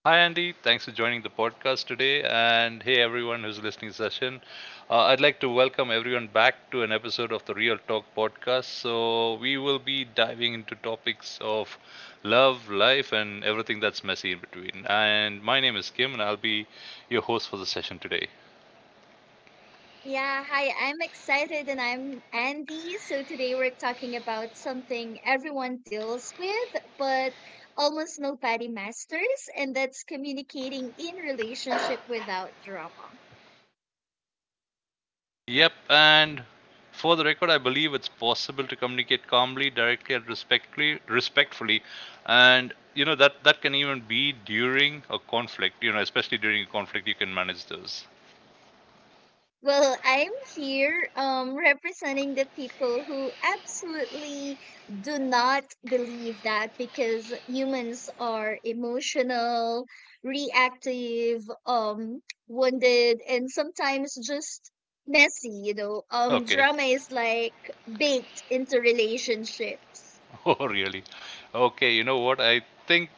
Hi, Andy. Thanks for joining the podcast today. And hey, everyone who's listening session. I'd like to welcome everyone back to an episode of the Real Talk podcast. So, we will be diving into topics of love, life, and everything that's messy in between. And my name is Kim, and I'll be your host for the session today. Yeah, hi. I'm excited and I'm Andy. So today we're talking about something everyone deals with, but almost nobody masters, and that's communicating in relationship without drama. Yep, and for the record, I believe it's possible to communicate calmly, directly, and respectfully, and you know that can even be during a conflict. You know, especially during a conflict, you can manage those. Well, I'm here representing the people who absolutely do not believe that because humans are emotional, reactive, wounded, and sometimes just messy, you know. Okay. Drama is like baked into relationships. Oh, really? Okay. You know what? I think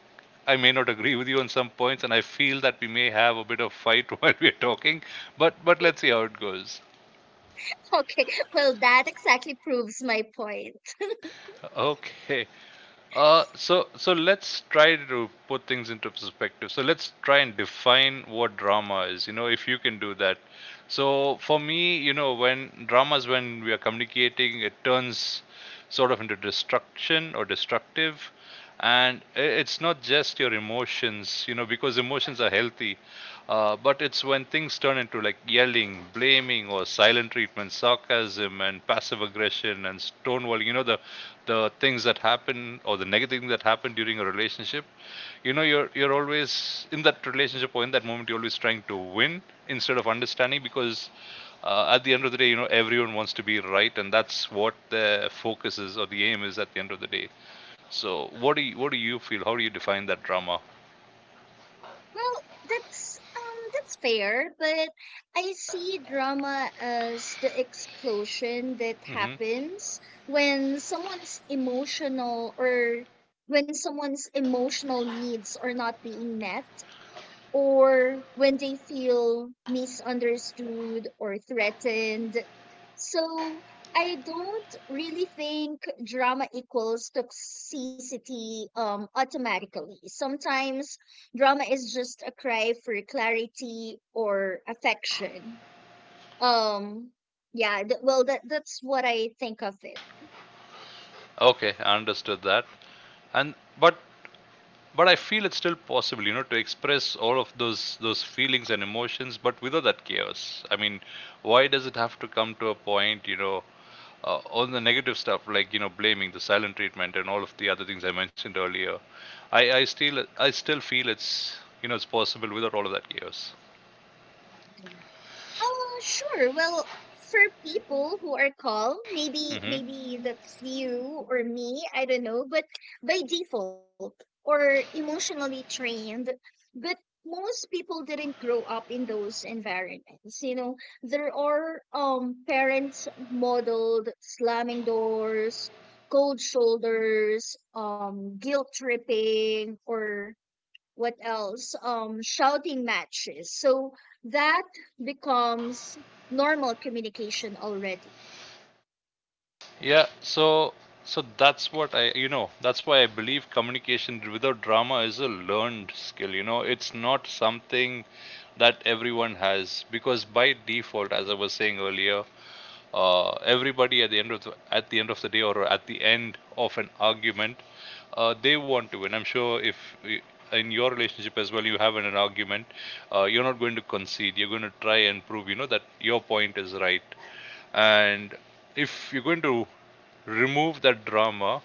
I may not agree with you on some points, and I feel that we may have a bit of fight while we're talking. But let's see how it goes. Okay, well, that exactly proves my point. Okay. So let's try to put things into perspective. So let's try and define what drama is. You know, if you can do that. So for me, you know, when dramas when we are communicating, it turns sort of into destruction or destructive, and it's not just your emotions. You know, because emotions are healthy. But it's when things turn into like yelling, blaming, or silent treatment, sarcasm, and passive aggression and stonewalling. You know the things that happen or the negative things that happen during a relationship. You know you're always in that relationship or in that moment you're always trying to win instead of understanding because at the end of the day, you know, everyone wants to be right, and that's what the focus is or the aim is at the end of the day. So what do you feel? How do you define that drama? Well, that's fair, but I see drama as the explosion that hmm happens when someone's emotional or when someone's emotional needs are not being met or when they feel misunderstood or threatened. So I don't really think drama equals toxicity automatically. Sometimes drama is just a cry for clarity or affection. Um, well, that's what I think of it. Okay, I understood that. And but but I feel it's still possible, you know, to express all of those feelings and emotions but without that chaos. I mean, why does it have to come to a point, you know, all the negative stuff like, you know, blaming, the silent treatment, and all of the other things I mentioned earlier. I still feel it's, you know, it's possible without all of that chaos. Sure. Well, for people who are calm, maybe hmm maybe that's you or me, I don't know, but by default or emotionally trained, but most people didn't grow up in those environments. You know, there are parents modeled slamming doors, cold shoulders, guilt tripping or what else? Shouting matches. So that becomes normal communication already. Yeah, so that's what I, you know, that's why I believe communication without drama is a learned skill, you know. It's not something that everyone has because, by default, as I was saying earlier, everybody at the end of the, at the end of the day or at the end of an argument, they want to win. I'm sure if y- in your relationship as well you have an argument, you're not going to concede. You're going to try and prove, you know, that your point is right. And if you're going to remove that drama,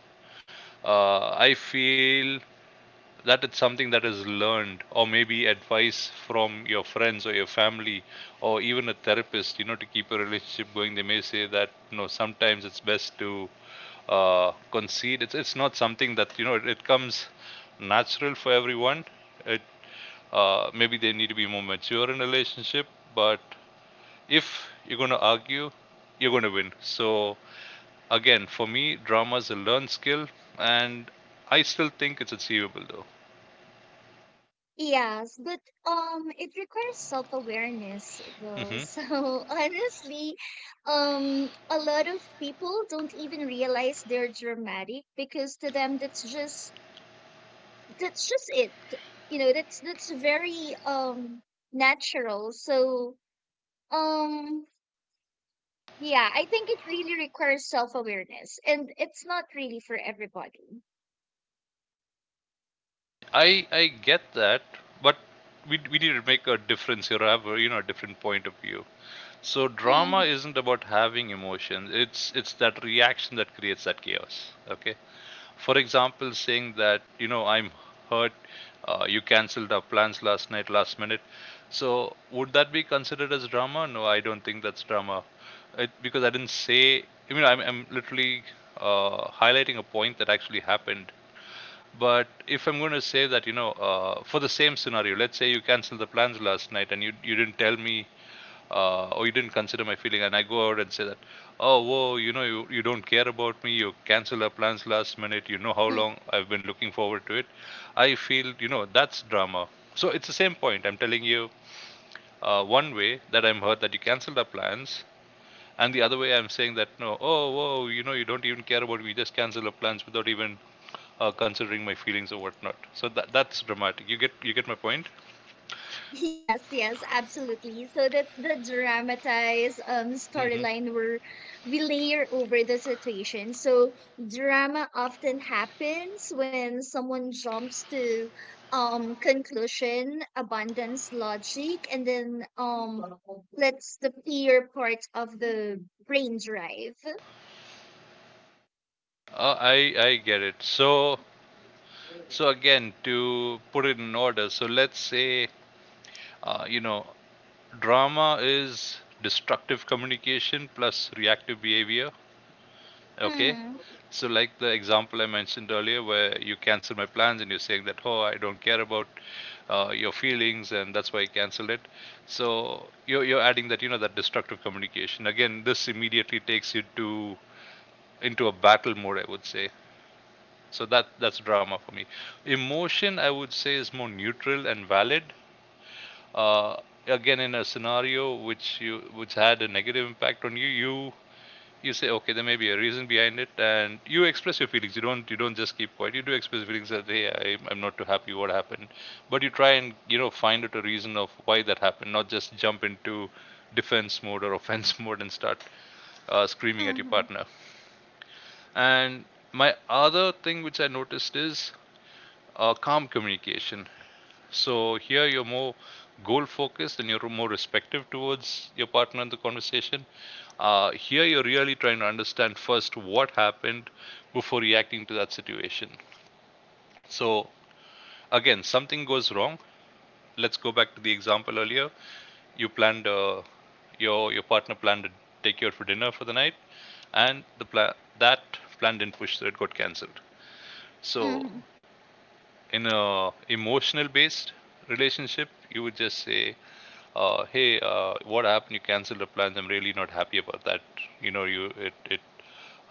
I feel that it's something that is learned, or maybe advice from your friends or your family or even a therapist, you know, to keep a relationship going. They may say that, you know, sometimes it's best to concede. It's not something that, you know, it comes natural for everyone. It maybe they need to be more mature in a relationship. But if you're going to argue, you're going to win. So, again, for me, drama is a learned skill, and I still think it's achievable though. Yes, but it requires self-awareness though. hmm So honestly, a lot of people don't even realize they're dramatic because to them that's just it. You know, that's very natural. So um, yeah, I think it really requires self-awareness, and it's not really for everybody. I get that, but we need to make a difference here, or have a, you know, a different point of view. So drama Mhm. isn't about having emotions. It's that reaction that creates that chaos. Okay, for example, saying that, you know, I'm hurt, you cancelled our plans last night, last minute. So, would that be considered as drama? No, I don't think that's drama. It, because I didn't say, I mean, I'm literally highlighting a point that actually happened. But if I'm going to say that, you know, for the same scenario, let's say you cancel the plans last night and you didn't tell me, or you didn't consider my feeling, and I go out and say that, oh, whoa, you know, you don't care about me, you cancel our plans last minute, you know how long I've been looking forward to it. I feel, you know, that's drama. So it's the same point. I'm telling you one way that I'm hurt that you canceled our plans. And the other way, I'm saying that no, oh, whoa, you know, you don't even care about me. You just cancel our plans without even considering my feelings or whatnot. So that's dramatic. You get my point. Yes, yes, absolutely. So that's the dramatized Mhm. storyline where we layer over the situation. So drama often happens when someone jumps to conclusion, abundance logic, and then lets the fear part of the brain drive. I get it. So again, to put it in order. So let's say you know, drama is destructive communication plus reactive behavior. Okay, Mm-hmm. so, like the example I mentioned earlier, where you cancel my plans and you're saying that, oh, I don't care about your feelings and that's why I canceled it. So, you're adding that, you know, that destructive communication. Again, this immediately takes you to into a battle mode, I would say. So, that's drama for me. Emotion, I would say, is more neutral and valid. Uh, again, in a scenario which had a negative impact on you, you say, okay, there may be a reason behind it, and you express your feelings. You don't just keep quiet. You do express feelings that, hey, I'm not too happy what happened, but you try and, you know, find out a reason of why that happened, not just jump into defense mode or offense mode and start screaming at your Mm-hmm. partner. And my other thing which I noticed is calm communication. So here you're more goal focused and you're more respective towards your partner in the conversation. Here you're really trying to understand first what happened before reacting to that situation. So again, something goes wrong. Let's go back to the example earlier. You planned uh, your partner planned to take you out for dinner for the night, and that plan didn't push, so it got cancelled. So Mm-hmm. in a emotional based relationship, you would just say, "Hey, what happened? You canceled the plans. I'm really not happy about that. You know, you it it.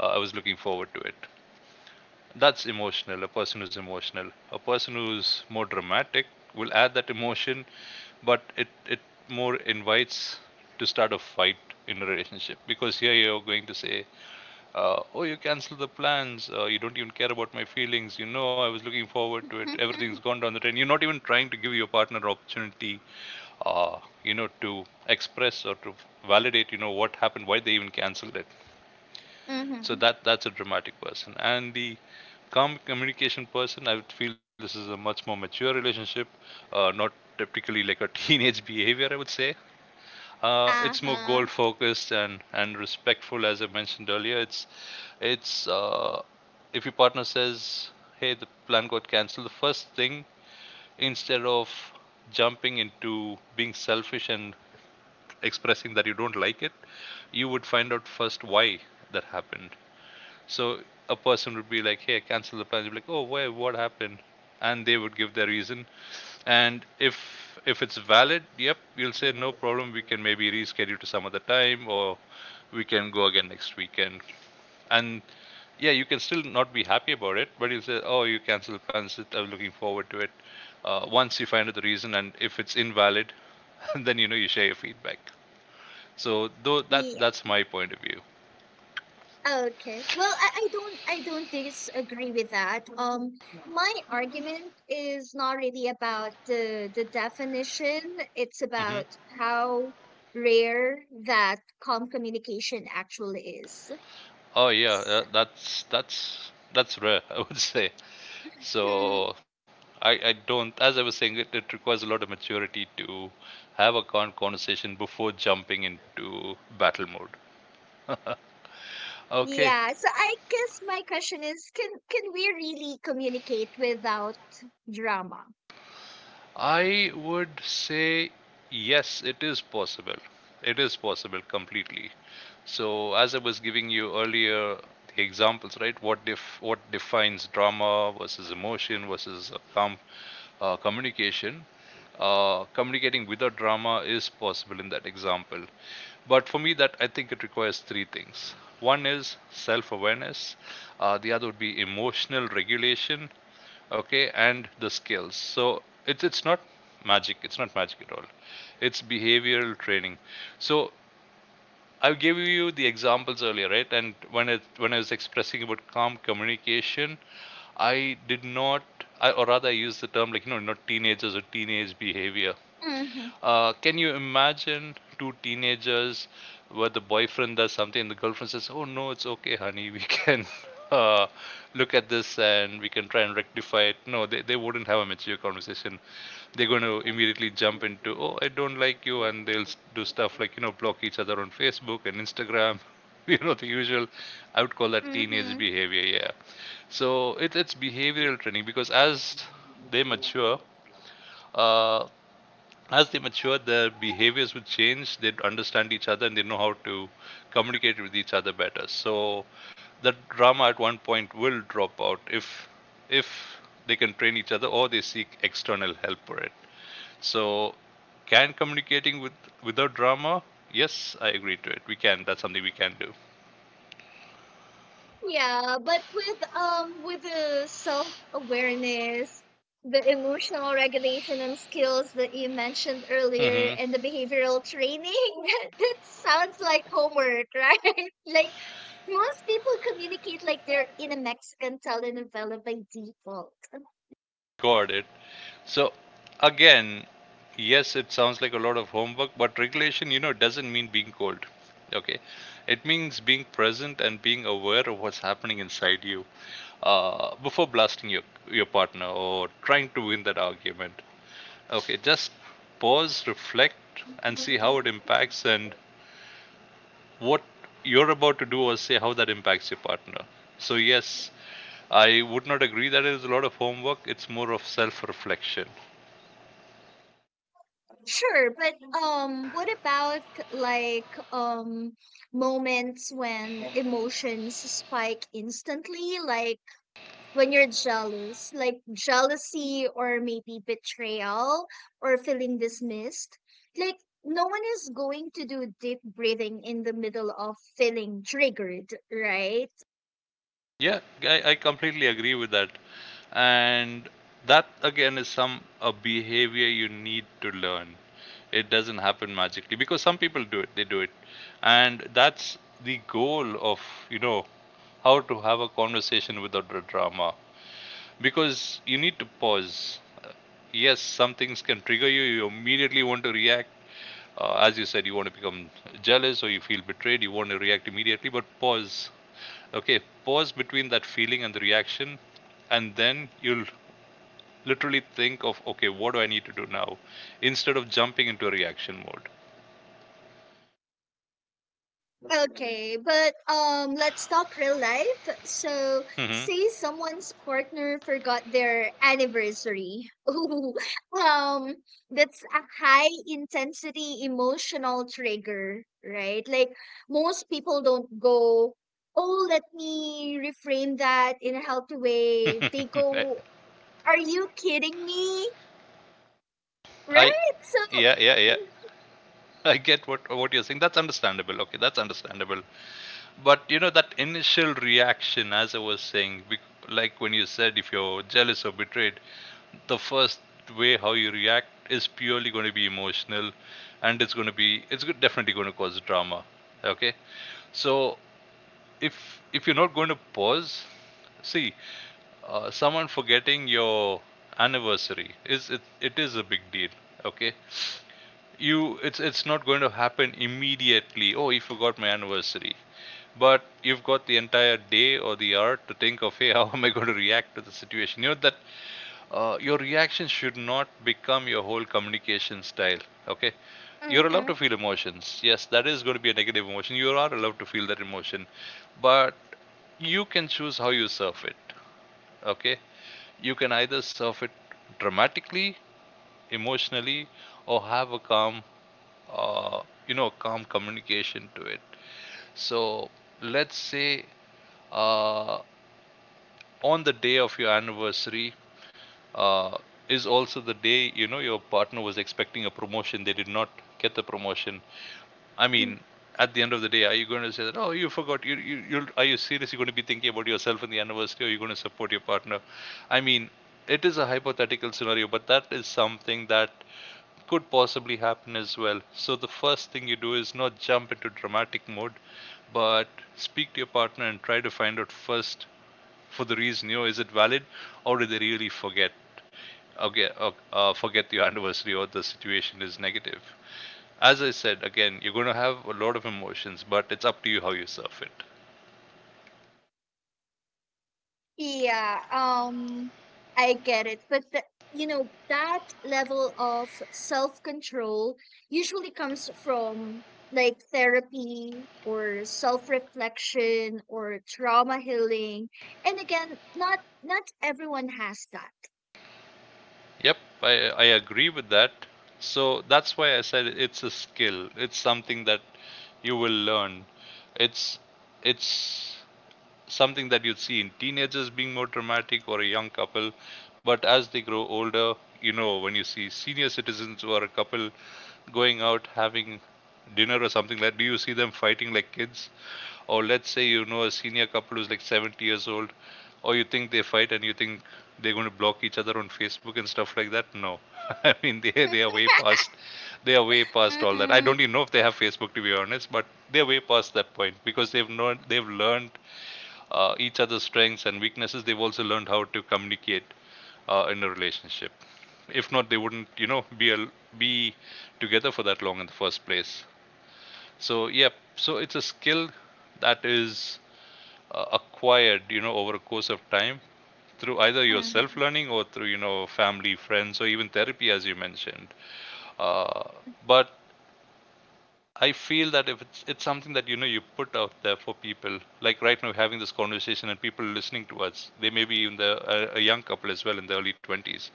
I was looking forward to it." That's emotional. A person who's emotional, a person who's more dramatic will add that emotion, but it more invites to start a fight in a relationship, because here you're going to say, "Oh, you canceled the plans. You don't even care about my feelings. You know, I was looking forward to it. Everything's gone down the drain." You're not even trying to give your partner opportunity you know, to express or to validate, you know, what happened, why they even canceled it. So Mm-hmm. that's a dramatic person. And the calm communication person, I would feel this is a much more mature relationship, not typically like a teenage behavior. I would say it's more Uh-huh. goal focused and respectful, as I mentioned earlier. It's if your partner says, "Hey, the plan got cancelled," the first thing, instead of jumping into being selfish and expressing that you don't like it, you would find out first why that happened. So a person would be like, "Hey, cancel the plans." You'd be like, "Oh, why? What happened?" And they would give their reason. And if it's valid, yep, you'll say no problem. We can maybe reschedule to some other time, or we can go again next weekend. And yeah, you can still not be happy about it, but you'll say, "Oh, you cancel plans. I am looking forward to it." Once you find out the reason, and if it's invalid, then you know you share your feedback. So though that Yeah. that's my point of view. Okay. Well, I don't disagree with that. My argument is not really about the definition. It's hmm about how rare that calm communication actually is. Oh yeah, So, that's rare, I would say. hmm, So I don't. As I was saying, it requires a lot of maturity to have a conversation before jumping into battle mode. Okay, yeah. So I guess my question is, can we really communicate without drama? I would say yes, it is possible. It is possible completely. So as I was giving you earlier the examples, right? What defines drama versus emotion versus a calm communication, communicating without drama is possible in that example. But for me, that I think it requires 3 things. One is self-awareness. The other would be emotional regulation. Okay, and the skills. So it's not magic. It's not magic at all. It's behavioral training. So I gave you the examples earlier, right? And when it when I was expressing about calm communication, I did not, I, or rather, I use the term like, not teenagers or teenage behavior. Mm-hmm. Can you imagine two teenagers where the boyfriend does something and the girlfriend says, "Oh, no, it's okay, honey. We can uh, look at this and we can try and rectify it." No, they wouldn't have a mature conversation. They're going to immediately jump into, "Oh, I don't like you." And they'll do stuff like, block each other on Facebook and Instagram. You know, the usual, I would call that teenage Mm-hmm. behavior. Yeah. So it's behavioral training because they mature, uh, as they mature, their behaviors would change. They'd understand each other and they know how to communicate with each other better. So the drama at one point will drop out if they can train each other or they seek external help for it. So can communicating without drama? Yes, I agree to it. We can. That's something we can do. Yeah, but with the self-awareness, the emotional regulation and skills that you mentioned earlier Hmm. and the behavioral training, that, that sounds like homework, right? Like most people communicate like they're in a Mexican telenovela by default. Got it. So again, yes, it sounds like a lot of homework, but regulation, you know, doesn't mean being cold. Okay, it means being present and being aware of what's happening inside you before blasting your partner or trying to win that argument. Okay, just pause, reflect, and see how it impacts and what you're about to do or say, how that impacts your partner. So yes, I would not agree that it is a lot of homework. It's more of self-reflection. Sure, but what about like um moments when emotions spike instantly, like when you're jealous, like jealousy or maybe betrayal or feeling dismissed. Like, no one is going to do deep breathing in the middle of feeling triggered, right? Yeah, I completely agree with that. And that again is some a behavior you need to learn. It doesn't happen magically because some people do it, they do it. And that's the goal of, you know, how to have a conversation without the drama because you need to pause. Yes, some things can trigger you, you immediately want to react, as you said, you want to become jealous or you feel betrayed, you want to react immediately, but pause. Okay, pause between that feeling and the reaction, and then you'll literally think of, okay, what do I need to do now? Instead of jumping into a reaction Okay, but let's talk real life. So, mode. say someone's partner forgot their anniversary. Ooh, um, that's a high intensity emotional trigger, right? Like most people don't go, "Oh, let me reframe that in a healthy way." They go, Mm-hmm. "Are you kidding me?" I, Right? So, yeah, yeah, yeah. I get what you're saying. That's understandable. Okay, that's understandable. But you know that initial reaction, as I was saying, like when you said if you're jealous or betrayed, the first way how you react is purely going to be emotional, and it's going to be it's go- definitely going to cause drama. Okay. So if you're not going to pause, see, someone forgetting your anniversary is, it is a big deal. Okay. you It's not going to happen immediately, "Oh, he forgot my anniversary." But you've got the entire day or the hour to think of, hey, how am I going to react to the situation? You know that your reaction should not become your whole communication style. Okay. You're allowed mm-hmm. to feel emotions. Yes, that is going to be a negative emotion. You are allowed to feel that emotion, but you can choose how you surf it. Okay. You can either surf it dramatically, emotionally, or have a calm uh, you know, calm communication to it. So let's say, uh, on the day of your anniversary, uh, is also the day, you know, your partner was expecting a promotion. They did not get the promotion. I mean, at the end of the day, are you going to say that, oh, you forgot? You, are you seriously going to be thinking about yourself in the anniversary, or are you going to support your partner? I mean, it is a hypothetical scenario, but that is something that could possibly happen as well. So the first thing you do is not jump into dramatic mode, but speak to your partner and try to find out first for the reason, you know, is it valid, or did they really forget? Okay, forget your anniversary, or the situation is negative. As I said, again, you're going to have a lot of emotions, but it's up to you how you surf it. Yeah, I get it. But you know, that level of self-control usually comes from like therapy or self-reflection or trauma healing. And again, not everyone has that. Yep, I agree with that. So that's why I said it's a skill. It's something that you will learn. It's it's something that you'd see in teenagers being more dramatic, or a young couple. But as they grow older, you know, when you see senior citizens or a couple going out having dinner or something, like, do you see them fighting like kids? Or let's say, you know, a senior couple who's like 70 years old, or you think they fight and you think they're going to block each other on Facebook and stuff like that. No, I mean they are way past, they are way past all that. I Mm-hmm. don't even know if they have Facebook, to be honest, but they're way past that point because they've learned each other's strengths and weaknesses. They've also learned how to communicate in a relationship. If not, they wouldn't, you know, be together for that long in the first place. So yeah, so it's a skill that is acquired, you know, over a course of time through either your self Mm-hmm. learning or through, you know, family, friends, or even therapy, as you mentioned. Uh, but I feel that if it's something that, you know, you put out there for people, like right now we're having this conversation and people listening to us, they may be even a young couple as well in the early twenties,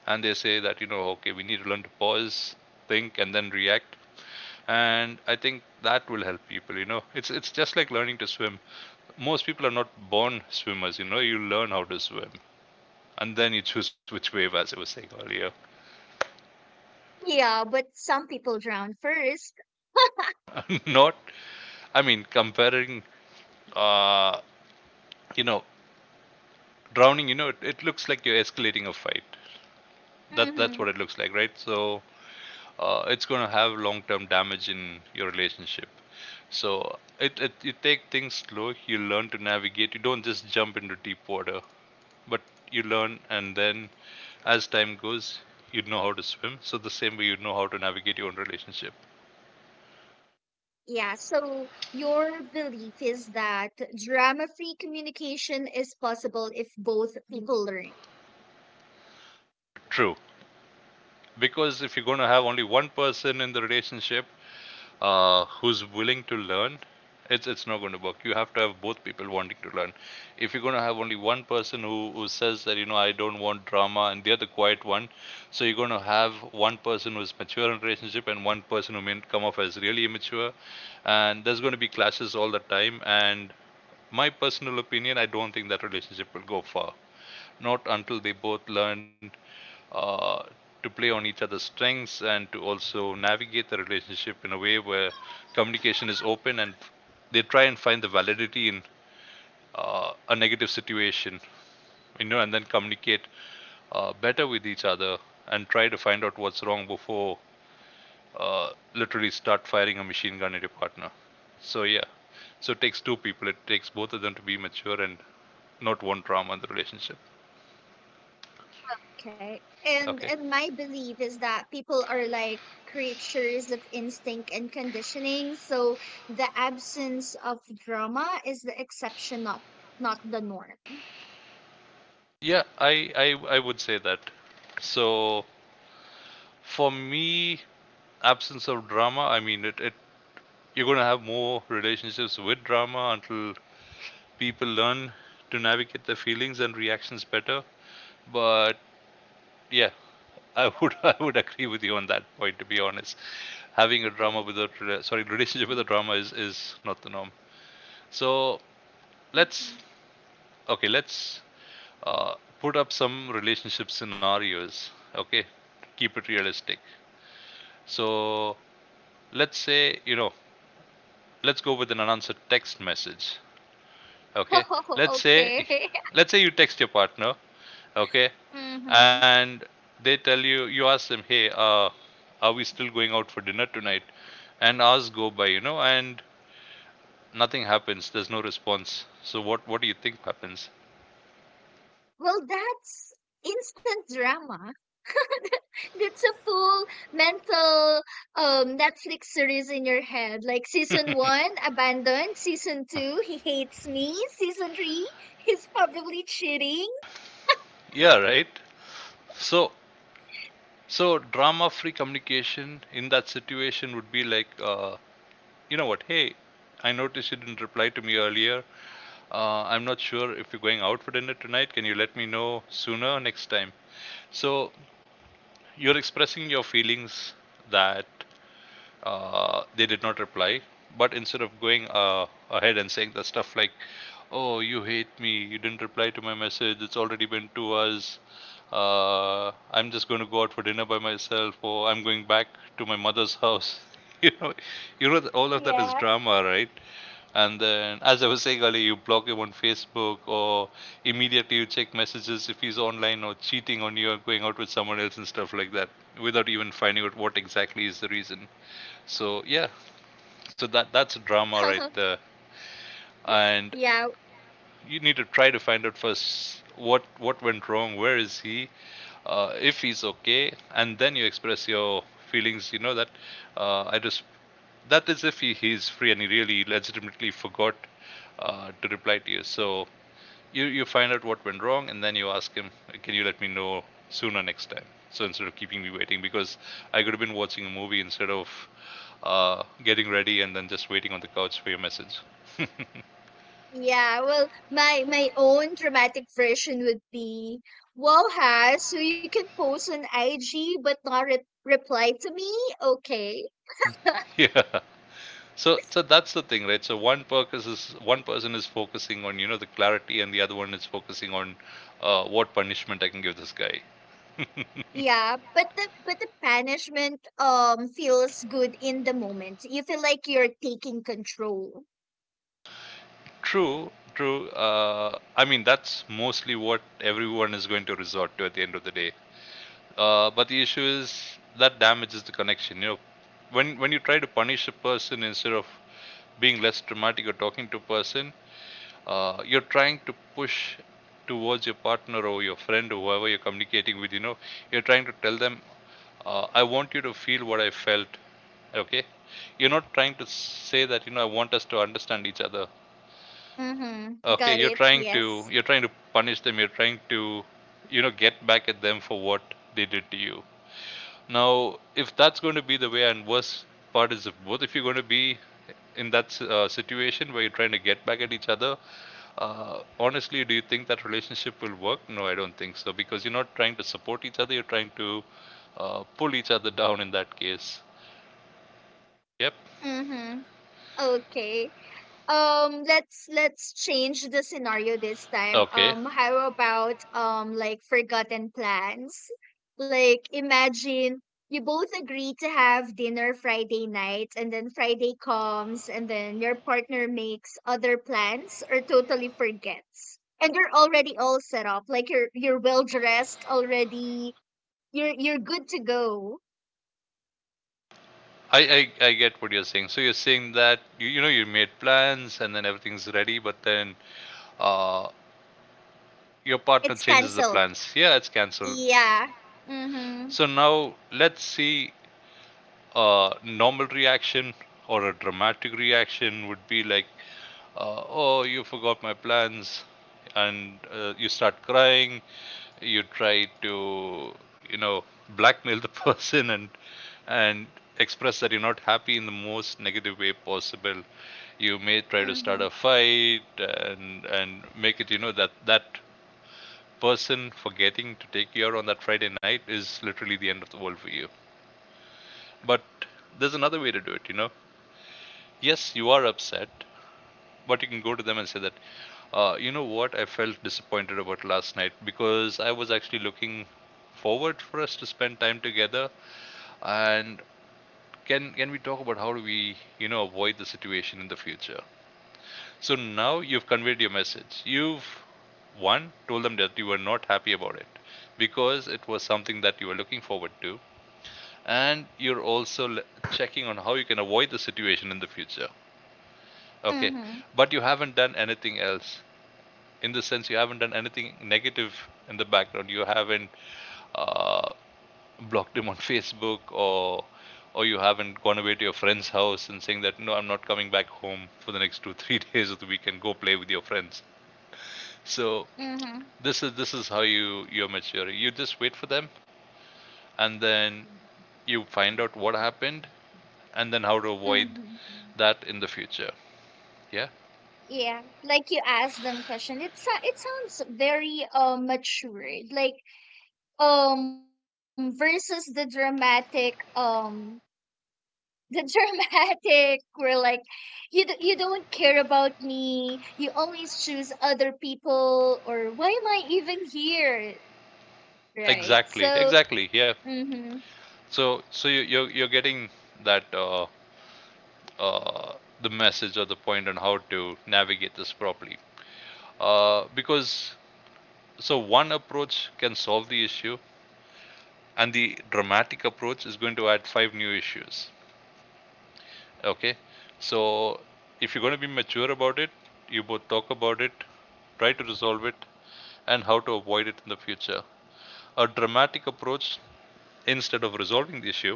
and they say that, you know, okay, we need to learn to pause, think, and then react, and I think that will help people. You know, it's just like learning to swim. Most people are not born swimmers. You know, you learn how to swim, and then you choose which wave, as I was saying earlier. Yeah, but some people drown 1st. not, I mean, comparing. Uh, you know, drowning, you know, it looks like you're escalating a fight. That that's what Mm-hmm. it looks like, right? So it's going to have long term damage in your relationship. So it, you take things slow, you learn to navigate, you don't just jump into deep water. But you learn, and then as time goes, you know how to swim, so the same way you know how to navigate your own relationship. Yeah, so your belief is that drama-free communication is possible if both people learn, True, because if you're going to have only one person in the relationship who's willing to learn, it's not going to work. You have to have both people wanting to learn. If you're going to have only one person who says that, you know, I don't want drama, and they're the quiet one, so you're going to have one person who's mature in a relationship and one person who may come off as really immature, and there's going to be clashes all the time. And my personal opinion, I don't think that relationship will go far, not until they both learn uh, to play on each other's strengths and to also navigate the relationship in a way where communication is open, and they try and find the validity in a negative situation, you know, and then communicate better with each other and try to find out what's wrong before literally start firing a machine gun at your partner. So, yeah, so it takes two people, it takes both of them to be mature and not one drama in the relationship. okay? Okay. And my belief is that people are like creatures of instinct and conditioning, so the absence of drama is the exception, not the norm. Yeah, I would say that. So for me, absence of drama, I mean it, you're gonna have more relationships with drama until people learn to navigate their feelings and reactions better. But yeah, I would I would agree with you on that point, to be honest. Having a drama without sorry, relationship with a drama is not the norm. So let's okay, let's uh, put up some relationship scenarios. Okay, keep it realistic. So let's say, you know, let's go with an unanswered text message. Okay. Let's Oh, say, okay. let's say you text your partner. Okay. hmm And you ask them, hey, are we still going out for dinner tonight? And hours go by, you know, and nothing happens. There's no response. So what do you think happens? Well, that's instant drama. That's a full mental Netflix series in your head. Like season one, abandoned. Season two, he hates me. Season three, he's probably cheating. Yeah, right. So, so drama-free communication in that situation would be like, you know what? Hey, I noticed you didn't reply to me earlier. I'm not sure if you're going out for dinner tonight. Can you let me know sooner next time? So you're expressing your feelings that they did not reply, but instead of going ahead and saying the stuff like, "Oh, you hate me. You didn't reply to my message. It's already been 2 hours." I'm just going to go out for dinner by myself, or I'm going back to my mother's house. You know, you know, all of that is Yeah. drama, right? And then, as I was saying earlier, you block him on Facebook or immediately you check messages if he's online or cheating on you or going out with someone else and stuff like that without even finding out what exactly is the reason. So, yeah, so that's drama right there. And Yeah. you need to try to find out first what went wrong, where is he, if he's okay, and then you express your feelings, you know, that I just that is if he's free and he really legitimately forgot to reply to you. So you find out what went wrong and then you ask him, can you let me know sooner next time, so instead of keeping me waiting, because I could have been watching a movie instead of getting ready and then just waiting on the couch for your message. Yeah. Well, my own dramatic version would be, "Wow, has so you can post on IG but not reply to me? Okay." Yeah. So that's the thing, right? So one purpose is, one person is focusing on, you know, the clarity, and the other one is focusing on what punishment I can give this guy. Yeah, but the punishment feels good in the moment. You feel like you're taking control. True, true. I mean, that's mostly what everyone is going to resort to at the end of the day. But the issue is, that damages the connection. You know, when you try to punish a person instead of being less dramatic or talking to a person, you're trying to push towards your partner or your friend or whoever you're communicating with. You know, you're trying to tell them, "I want you to feel what I felt." Okay, you're not trying to say that, you know, I want us to understand each other. Mm-hmm. Okay, Got you're it. trying to Yes. you're trying to punish them. You're trying to, you know, get back at them for what they did to you. Now, if that's going to be the way, and worst part is if both of you are going to be in that situation where you're trying to get back at each other, honestly, do you think that relationship will work? No, I don't think so, because you're not trying to support each other, you're trying to pull each other down in that case. Yep. Mm-hmm. Okay. Let's change the scenario this time. Okay. How about like forgotten plans, like imagine you both agree to have dinner Friday night and then Friday comes and then your partner makes other plans or totally forgets and you're already all set up, like you're well dressed already, you're good to go. I get what you're saying. So you're saying that you know, you made plans and then everything's ready, but then uh, your partner It's changes the canceled, plans. Yeah, it's cancelled. yeah. Mhm. So now let's see, a normal reaction or a dramatic reaction would be like, oh, you forgot my plans, and you start crying, you try to, you know, blackmail the person and express that you're not happy in the most negative way possible. You may try to start Mhm. a fight and make it, you know, that person forgetting to take care on that Friday night is literally the end of the world for you. But there's another way to do it, you know. Yes, you are upset, but you can go to them and say that, you know what, I felt disappointed about last night because I was actually looking forward for us to spend time together, and can we talk about how do we, you know, avoid the situation in the future? So now you've conveyed your message. You've one, told them that you were not happy about it because it was something that you were looking forward to, and you're also checking on how you can avoid the situation in the future. Okay. Mhm. But you haven't done anything else. In the sense, you haven't done anything negative in the background. You haven't uh, blocked him on Facebook, or you haven't gone away to your friend's house and saying that, no, I'm not coming back home for the next two 3 days of the weekend, go play with your friends. So Mhm. this is how you, you're maturing. You just wait for them and then you find out what happened and then how to avoid Mhm. that in the future. Yeah. Yeah, like you ask them question. It sounds very matured, like versus the dramatic the dramatic where like you don't care about me. You always choose other people, or why am I even here? Right. Exactly, So. exactly, yeah. Hmm So, you're getting that uh, the message or the point on how to navigate this properly, because so one approach can solve the issue, and the dramatic approach is going to add five new issues. Okay, so if you're going to be mature about it, you both talk about it, try to resolve it, and how to avoid it in the future. A dramatic approach, instead of resolving the issue,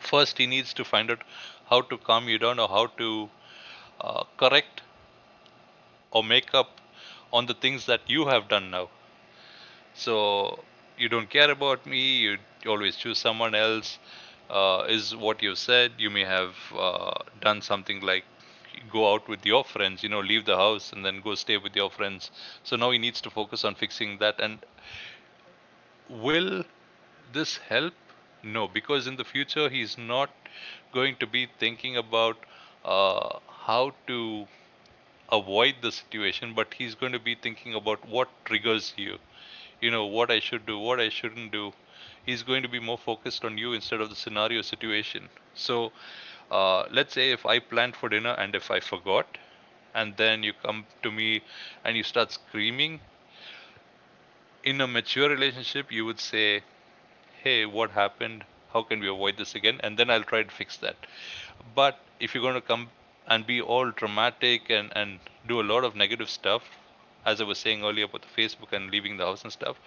first he needs to find out how to calm you down or how to correct or make up on the things that you have done now. So, you don't care about me, you always choose someone else, is what you said. You may have done something like go out with your friends. You know, leave the house and then go stay with your friends. So now he needs to focus on fixing that. And will this help? No, because in the future he's not going to be thinking about how to avoid the situation, but he's going to be thinking about what triggers you, you know, what I should do, what I shouldn't do. He's going to be more focused on you instead of the scenario situation. So, let's say if I planned for dinner and if I forgot, and then you come to me and you start screaming, in a mature relationship, you would say, hey, what happened? How can we avoid this again? And then I'll try to fix that. But if you're going to come and be all dramatic and do a lot of negative stuff, as I was saying earlier about the Facebook and leaving the house and stuff,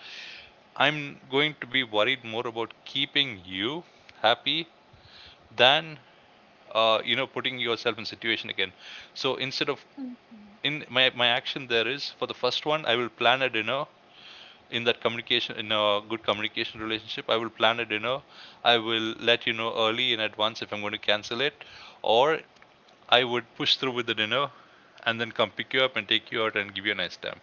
I'm going to be worried more about keeping you happy than you know, putting yourself in situation again. So instead of, hmm in my action there is, for the first one, I will plan a dinner. In that communication, in a good communication relationship, I will plan a dinner, I will let you know early in advance if I'm going to cancel it, or I would push through with the dinner and then come pick you up and take you out and give you a nice time.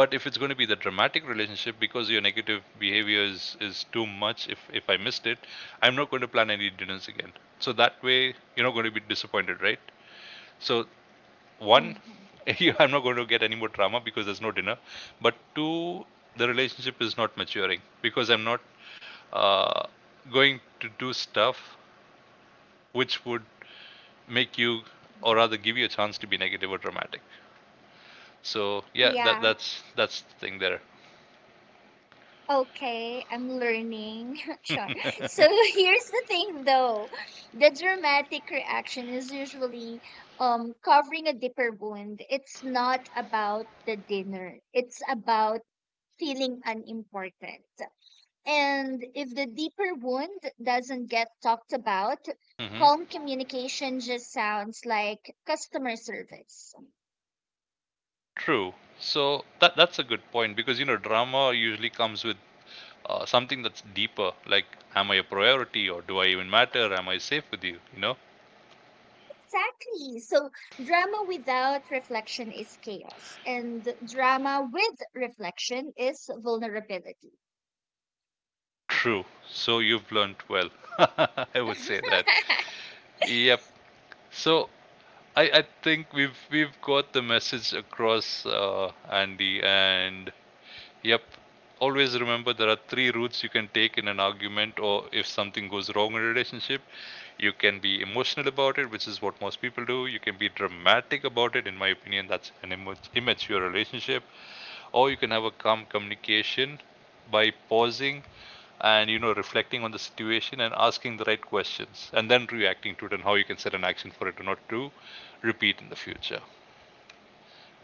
But if it's going to be the dramatic relationship, because your negative behavior is too much, if I missed it, I'm not going to plan any dinners again, so that way you're not going to be disappointed, right? So, one, hmm I'm not going to get any more drama because there's no dinner. But two, the relationship is not maturing because I'm not uh, going to do stuff which would make you, or rather give you a chance to be negative or dramatic. So yeah, that Yeah. that's that's the thing there. Okay, I'm learning. Sure. So here's the thing though. The dramatic reaction is usually covering a deeper wound. It's not about the dinner. It's about feeling unimportant. And if the deeper wound doesn't get talked about, Hmm. calm communication just sounds like customer service. True. So that's a good point, because, you know, drama usually comes with something that's deeper, like, am I a priority, or do I even matter, am I safe with you, you know. Exactly. So drama without reflection is chaos, and drama with reflection is vulnerability. True. So you've learnt well. I would say that. Yep. So I think we've got the message across, Andy. And yep. Always remember there are three routes you can take in an argument, or if something goes wrong in a relationship, you can be emotional about it, which is what most people do. You can be dramatic about it. In my opinion, that's an immature relationship, or you can have a calm communication by pausing and, you know, reflecting on the situation and asking the right questions and then reacting to it and how you can set an action for it not to repeat in the future.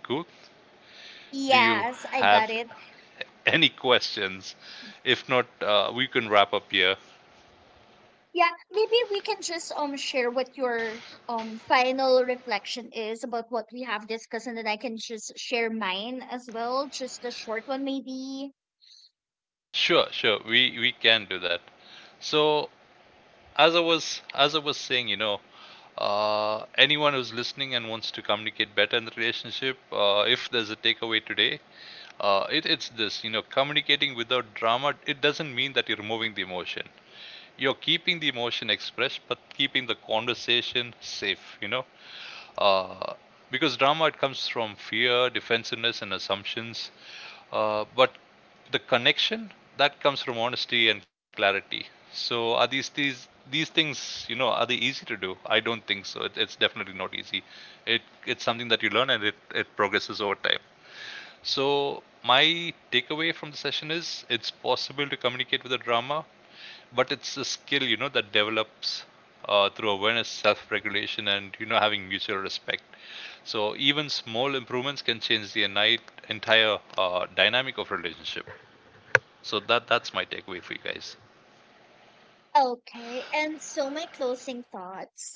Cool. Do you Yes, I got have it. any questions? If not, we can wrap up here. Yeah, maybe we can just share what your final reflection is about what we have discussed, and then I can just share mine as well, just a short one maybe. Sure, sure, we can do that. So, as I was saying, you know, anyone who's listening and wants to communicate better in the relationship, if there's a takeaway today, it's this, you know, communicating without drama, it doesn't mean that you're removing the emotion. You're keeping the emotion expressed, but keeping the conversation safe, you know. Uh, because drama, it comes from fear, defensiveness, and assumptions. But the connection, that comes from honesty and clarity. So are these things, you know, are they easy to do? I don't think so. It's definitely not easy. It, it's something that you learn and it progresses over time. So, my takeaway from the session is, it's possible to communicate with the drama, but it's a skill, you know, that develops through awareness, self regulation, and, you know, having mutual respect. So, even small improvements can change the entire dynamic of relationship. So, that's my takeaway for you guys. Okay, and so my closing thoughts.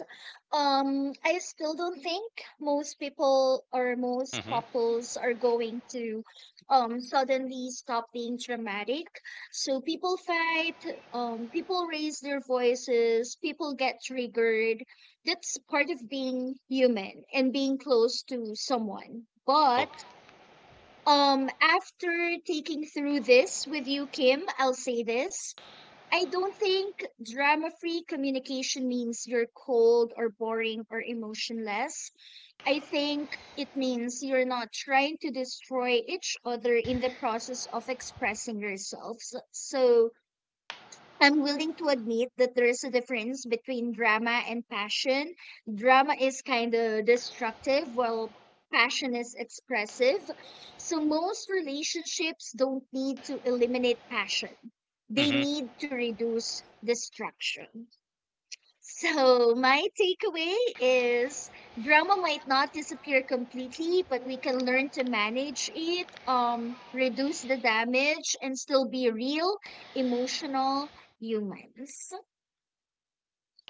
I still don't think most people or most Hmm. couples are going to suddenly stop being dramatic. So people fight, people raise their voices, people get triggered. That's part of being human and being close to someone. But Okay. After taking through this with you, Kim, I'll say this. I don't think drama free communication means you're cold or boring or emotionless. I think it means you're not trying to destroy each other in the process of expressing yourselves. So I'm willing to admit that there is a difference between drama and passion. Drama is kind of destructive, while passion is expressive. So most relationships don't need to eliminate passion. They Hmm. need to reduce destruction. So, my takeaway is drama might not disappear completely, but we can learn to manage it, reduce the damage, and still be real, emotional humans.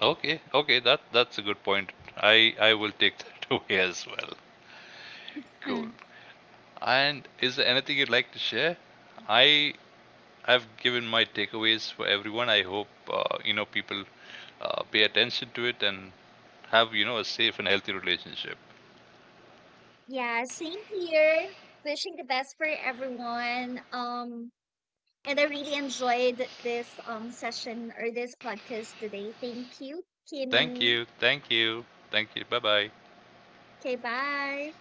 Okay. Okay. That's a good point. I will take that away as well. Cool. Hmm. And is there anything you'd like to share? I, I've given my takeaways for everyone. I hope you know, people pay attention to it and have, you know, a safe and healthy relationship. Yeah, same here. Wishing the best for everyone. And I really enjoyed this session or this podcast today. Thank you, Thank Kimmy. you. Thank you. Thank you. Bye bye. Okay, bye.